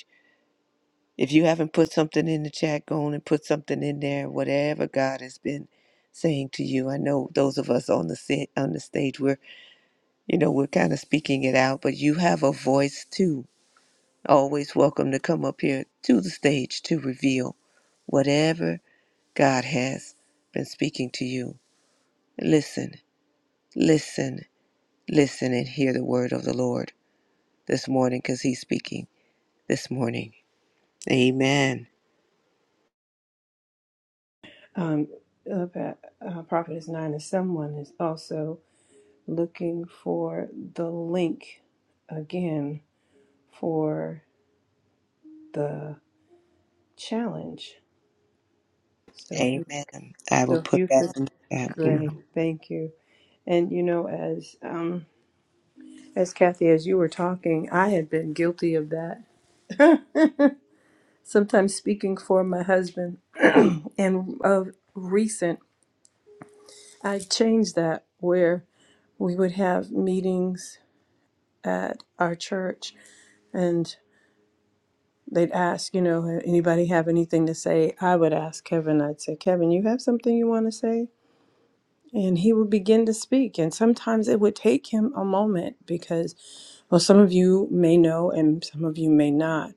S2: If you haven't put something in the chat, go on and put something in there. Whatever God has been saying to you, I know those of us on the sa- on the stage, we're you know we're kind of speaking it out, but you have a voice too. Always welcome to come up here to the stage to reveal whatever God has been speaking to you. Listen, listen, listen, and hear the word of the Lord this morning, because He's speaking this morning. Amen.
S1: Um, uh, uh, Prophetess Nine someone is also. looking for the link again for the challenge. So if you,
S2: Amen. I
S1: so
S2: will
S1: if
S2: put
S1: you
S2: that
S1: could,
S2: in the chat. Mm-hmm.
S1: great, thank you. And you know, as um, as Kathy, as you were talking, I had been guilty of that. Sometimes speaking for my husband, and of recent, I changed that where we would have meetings at our church, and they'd ask, you know, anybody have anything to say? I would ask Kevin, I'd say, Kevin, you have something you want to say? And he would begin to speak. And sometimes it would take him a moment because, well, some of you may know and some of you may not.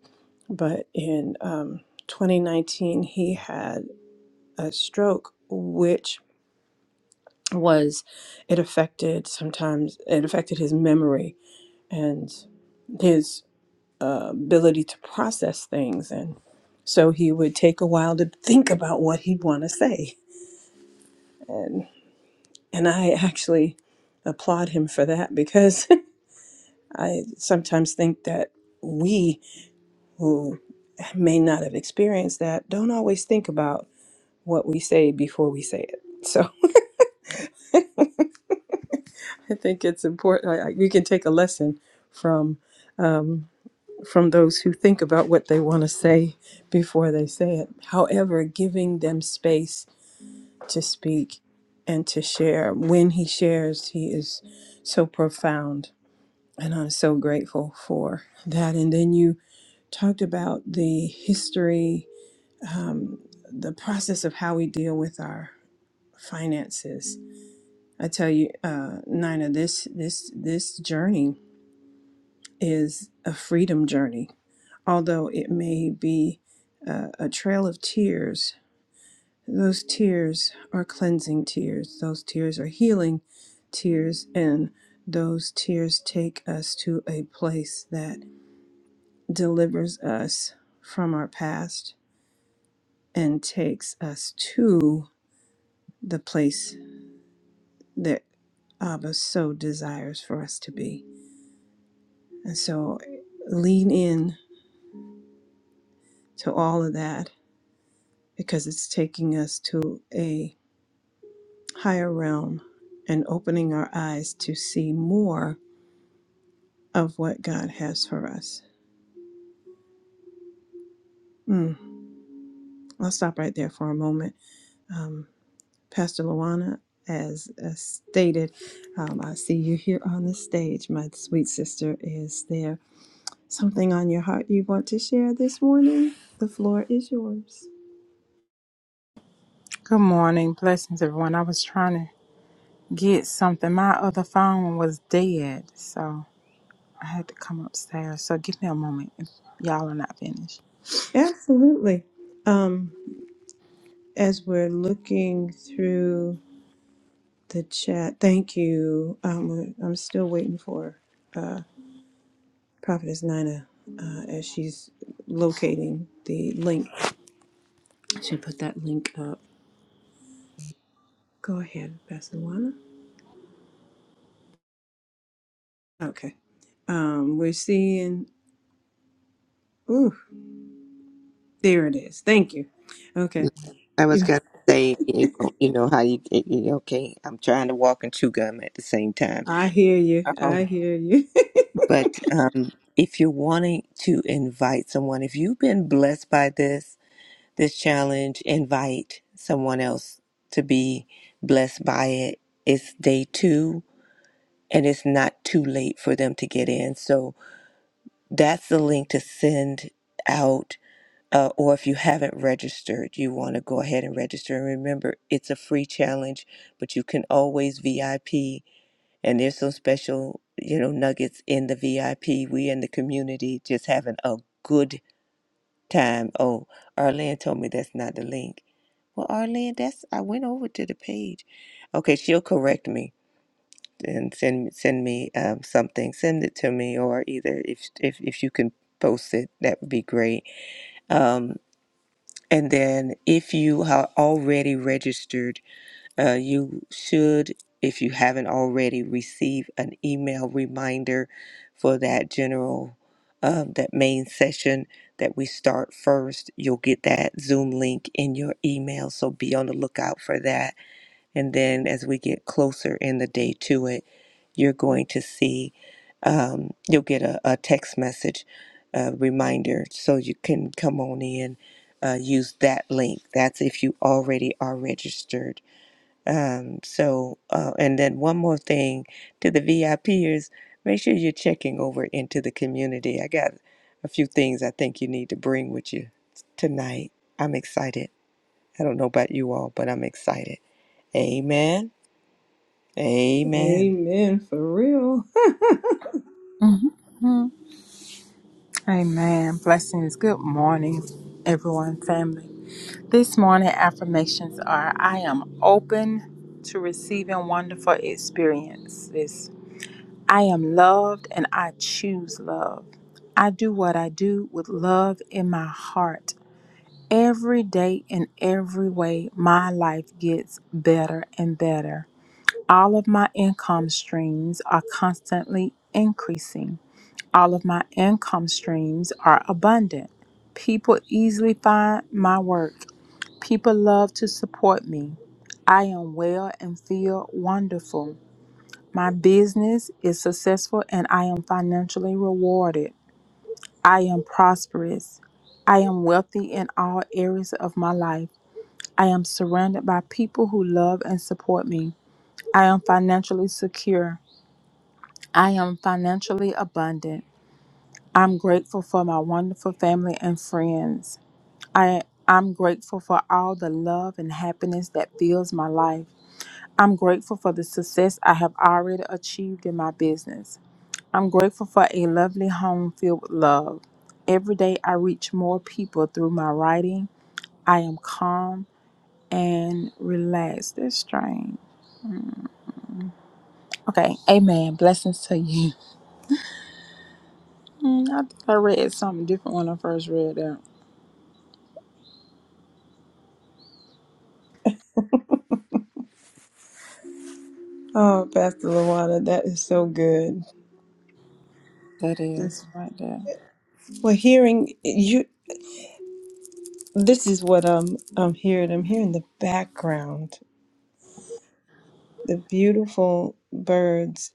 S1: But in um, 2019, he had a stroke, which was, it affected sometimes, it affected his memory and his uh, ability to process things and so he would take a while to think about what he'd want to say and and i actually applaud him for that because i sometimes think that we who may not have experienced that don't always think about what we say before we say it so i think it's important I, I, we can take a lesson from um, from those who think about what they want to say before they say it however giving them space to speak and to share. When he shares, he is so profound. And I'm so grateful for that. And then you talked about the history, um, the process of how we deal with our finances. I tell you, uh, Nina, this this this journey is a freedom journey. Although it may be uh, a trail of tears, Those tears are cleansing tears, those tears are healing tears, and those tears take us to a place that delivers us from our past and takes us to the place that Abba so desires for us to be. And so lean in to all of that because it's taking us to a higher realm and opening our eyes to see more of what God has for us. Mm, I'll stop right there for a moment. Um, Pastor Luana, as, as stated, um, I see you here on the stage. My sweet sister, is there something on your heart you want to share this morning? The floor is yours.
S5: Good morning. Blessings, everyone. I was trying to get something. My other phone was dead, so I had to come upstairs. So give me a moment if y'all are not finished.
S1: Absolutely. Um, as we're looking through the chat, thank you. Um, I'm still waiting for uh, Prophetess Nina uh, as she's locating the link Should put that link up. Go ahead, Pastor Luana. Okay. Um, we're seeing. Ooh, there it is. Thank you. Okay.
S2: I was
S1: You-
S2: gonna say, you know, you know how you, you okay? I'm trying to walk and chew gum at the same time.
S1: I hear you. I
S2: Um,
S1: hear you.
S2: but um, if you're wanting to invite someone, if you've been blessed by this this challenge, invite someone else to be blessed by it. It's day two, and it's not too late for them to get in. So that's the link to send out uh, or if you haven't registered, you want to go ahead and register. And remember, it's a free challenge, but you can always VIP. And there's some special, you know, nuggets in the VIP. We in the community just having a good time. Oh, Arlene told me that's not the link. Well, Arlene, that's I went over to the page. Okay, she'll correct me and send send me um, something. Send it to me, or either if if if you can post it, that would be great. Um. And then, if you are already registered, uh, you should, if you haven't already, receive an email reminder for that general, um, that main session that we start first. You'll get that Zoom link in your email, so be on the lookout for that. And then as we get closer in the day to it, you're going to see, um, you'll get a, a text message uh, reminder so you can come on in, uh, use that link. That's if you already are registered. Um, so, uh, and then one more thing to the VIPers, make sure you're checking over into the community. I got a few things I think you need to bring with you tonight. I'm excited. I don't know about you all, but I'm excited. Amen. Amen.
S1: Amen. For real.
S5: Amen. Blessings. Good morning, everyone, family. This morning, affirmations are I am open to receiving wonderful experiences. I am loved and I choose love. I do what I do with love in my heart. Every day in every way, my life gets better and better. All of my income streams are constantly increasing. All of my income streams are abundant. People easily find my work. People love to support me. I am well and feel wonderful. My business is successful and I am financially rewarded. I am prosperous. I am wealthy in all areas of my life. I am surrounded by people who love and support me. I am financially secure. I am financially abundant. I'm grateful for my wonderful family and friends. I I'm grateful for all the love and happiness that fills my life. I'm grateful for the success I have already achieved in my business. I'm grateful for a lovely home filled with love. Every day I reach more people through my writing. I am calm and relaxed. That's strange. Okay, amen. Blessings to you. Mm, I think I read something different when I first read that.
S1: Oh, Pastor Luana, that is so good.
S5: That is right there.
S1: Well, hearing you, this is what I'm I'm hearing. I'm hearing the background, the beautiful birds,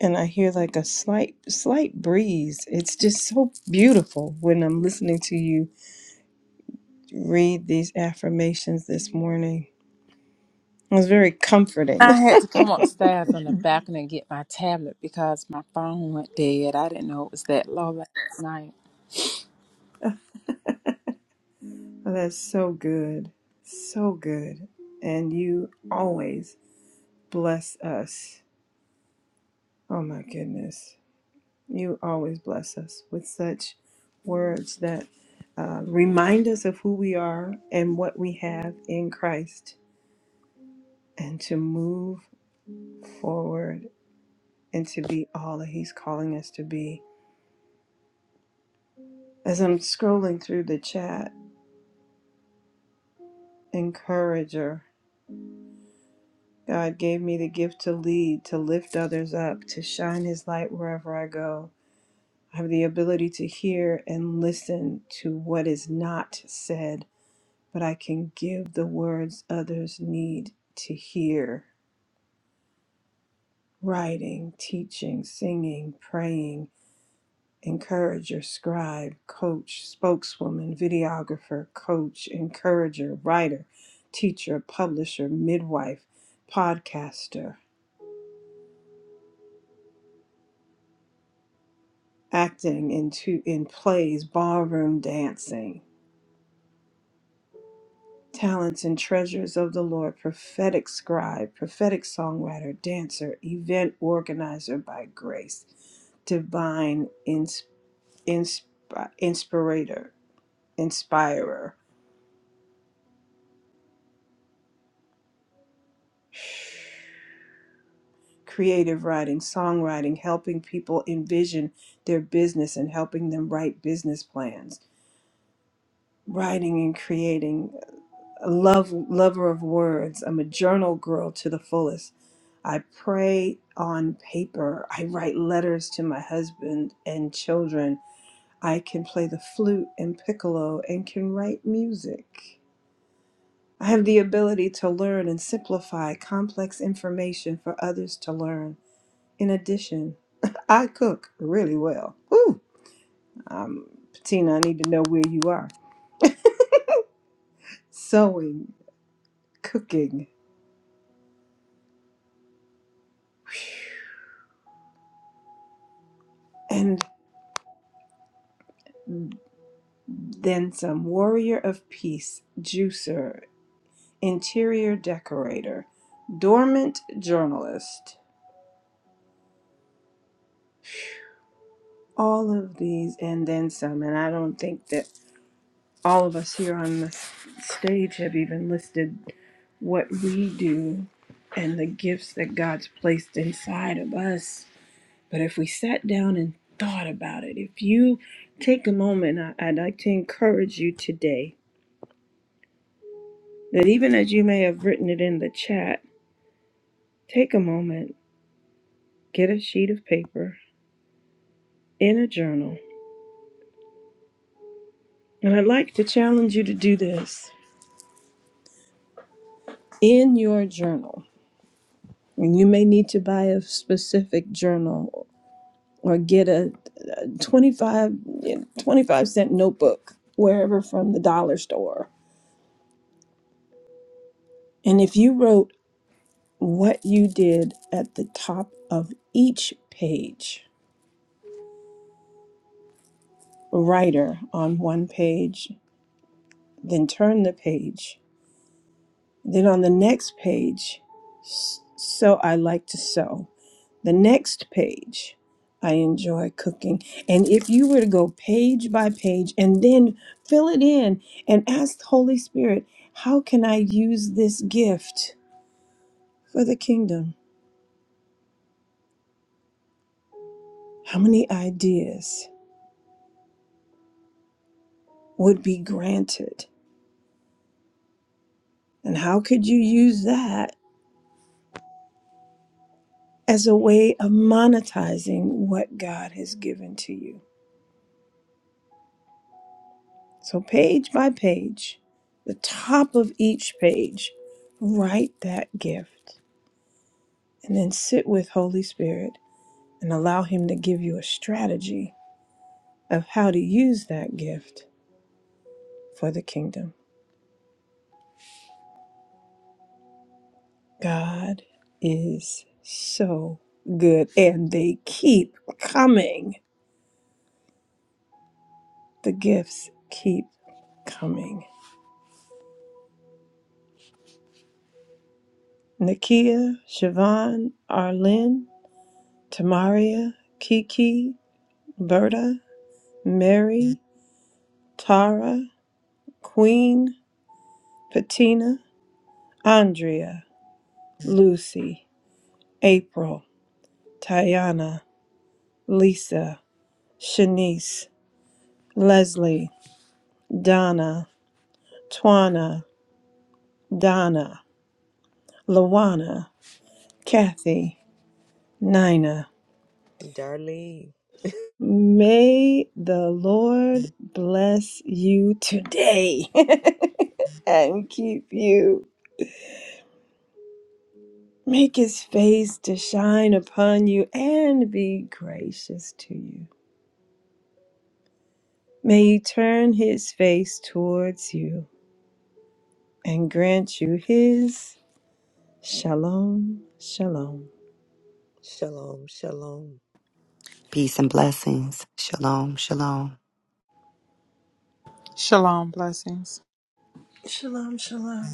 S1: and I hear like a slight slight breeze. It's just so beautiful when I'm listening to you read these affirmations this morning. It was very
S5: I
S1: comforting.
S5: had to come upstairs on the balcony and get my tablet because my phone went dead. I didn't know it was that low last night.
S1: Oh, that's so good. So good. And you always bless us. Oh my goodness. You always bless us with such words that uh, remind us of who we are and what we have in Christ and to move forward and to be all that He's calling us to be. As I'm scrolling through the chat, encourager. God gave me the gift to lead, to lift others up, to shine His light wherever I go. I have the ability to hear and listen to what is not said, but I can give the words others need to hear. Writing, teaching, singing, praying, encourager, scribe, coach, spokeswoman, videographer, coach, encourager, writer, teacher, publisher, midwife, podcaster. acting in, two, in plays, ballroom dancing, talents and treasures of the Lord, prophetic scribe, prophetic songwriter, dancer, event organizer by grace, divine ins- insp- inspirator, inspirer, creative writing, songwriting, helping people envision their business and helping them write business plans, writing and creating a love lover of words. I'm a journal girl to the fullest. I pray on paper. I write letters to my husband and children. I can play the flute and piccolo and can write music. I have the ability to learn and simplify complex information for others to learn. In addition, I cook really well. Ooh, um, Patina, I need to know where you are. Sewing, cooking, and then some warrior of peace, juicer, interior decorator, dormant journalist. All of these and then some. And I don't think that all of us here on the s- stage have even listed what we do and the gifts that God's placed inside of us. But if we sat down and thought about it, if you take a moment, I- I'd like to encourage you today that even as you may have written it in the chat, take a moment get a sheet of paper in a journal. And I'd like to challenge you to do this in your journal. And you may need to buy a specific journal or get a 25 yeah, twenty-five cent notebook wherever from the dollar store. And if you wrote what you did at the top of each page, writer on one page, then turn the page. Then on the next page, s- so I like to sew. The next page, I enjoy cooking. And if you were to go page by page and then fill it in and ask the Holy Spirit, how can I use this gift for the kingdom? How many ideas would be granted? And how could you use that as a way of monetizing what God has given to you? So, page by page, the top of each page, write that gift and then sit with Holy Spirit and allow Him to give you a strategy of how to use that gift for the kingdom. God is so good, and they keep coming. The gifts keep coming. Nakia, Siobhan, Arlene, Tamaria, Kiki, Berta, Mary, Tara, Queen, Patina, Andrea, Lucy, April, Tayana, Lisa, Shanice, Leslie, Donna, Twana, Donna, Lawana, Kathy, Nina.
S2: Darlene,
S1: May the Lord bless you today and keep you. Make his face to shine upon you and be gracious to you. May he turn his face towards you and grant you his shalom, shalom.
S2: shalom, shalom.
S3: Peace and blessings. Shalom, shalom.
S5: Shalom, blessings.
S4: Shalom, shalom.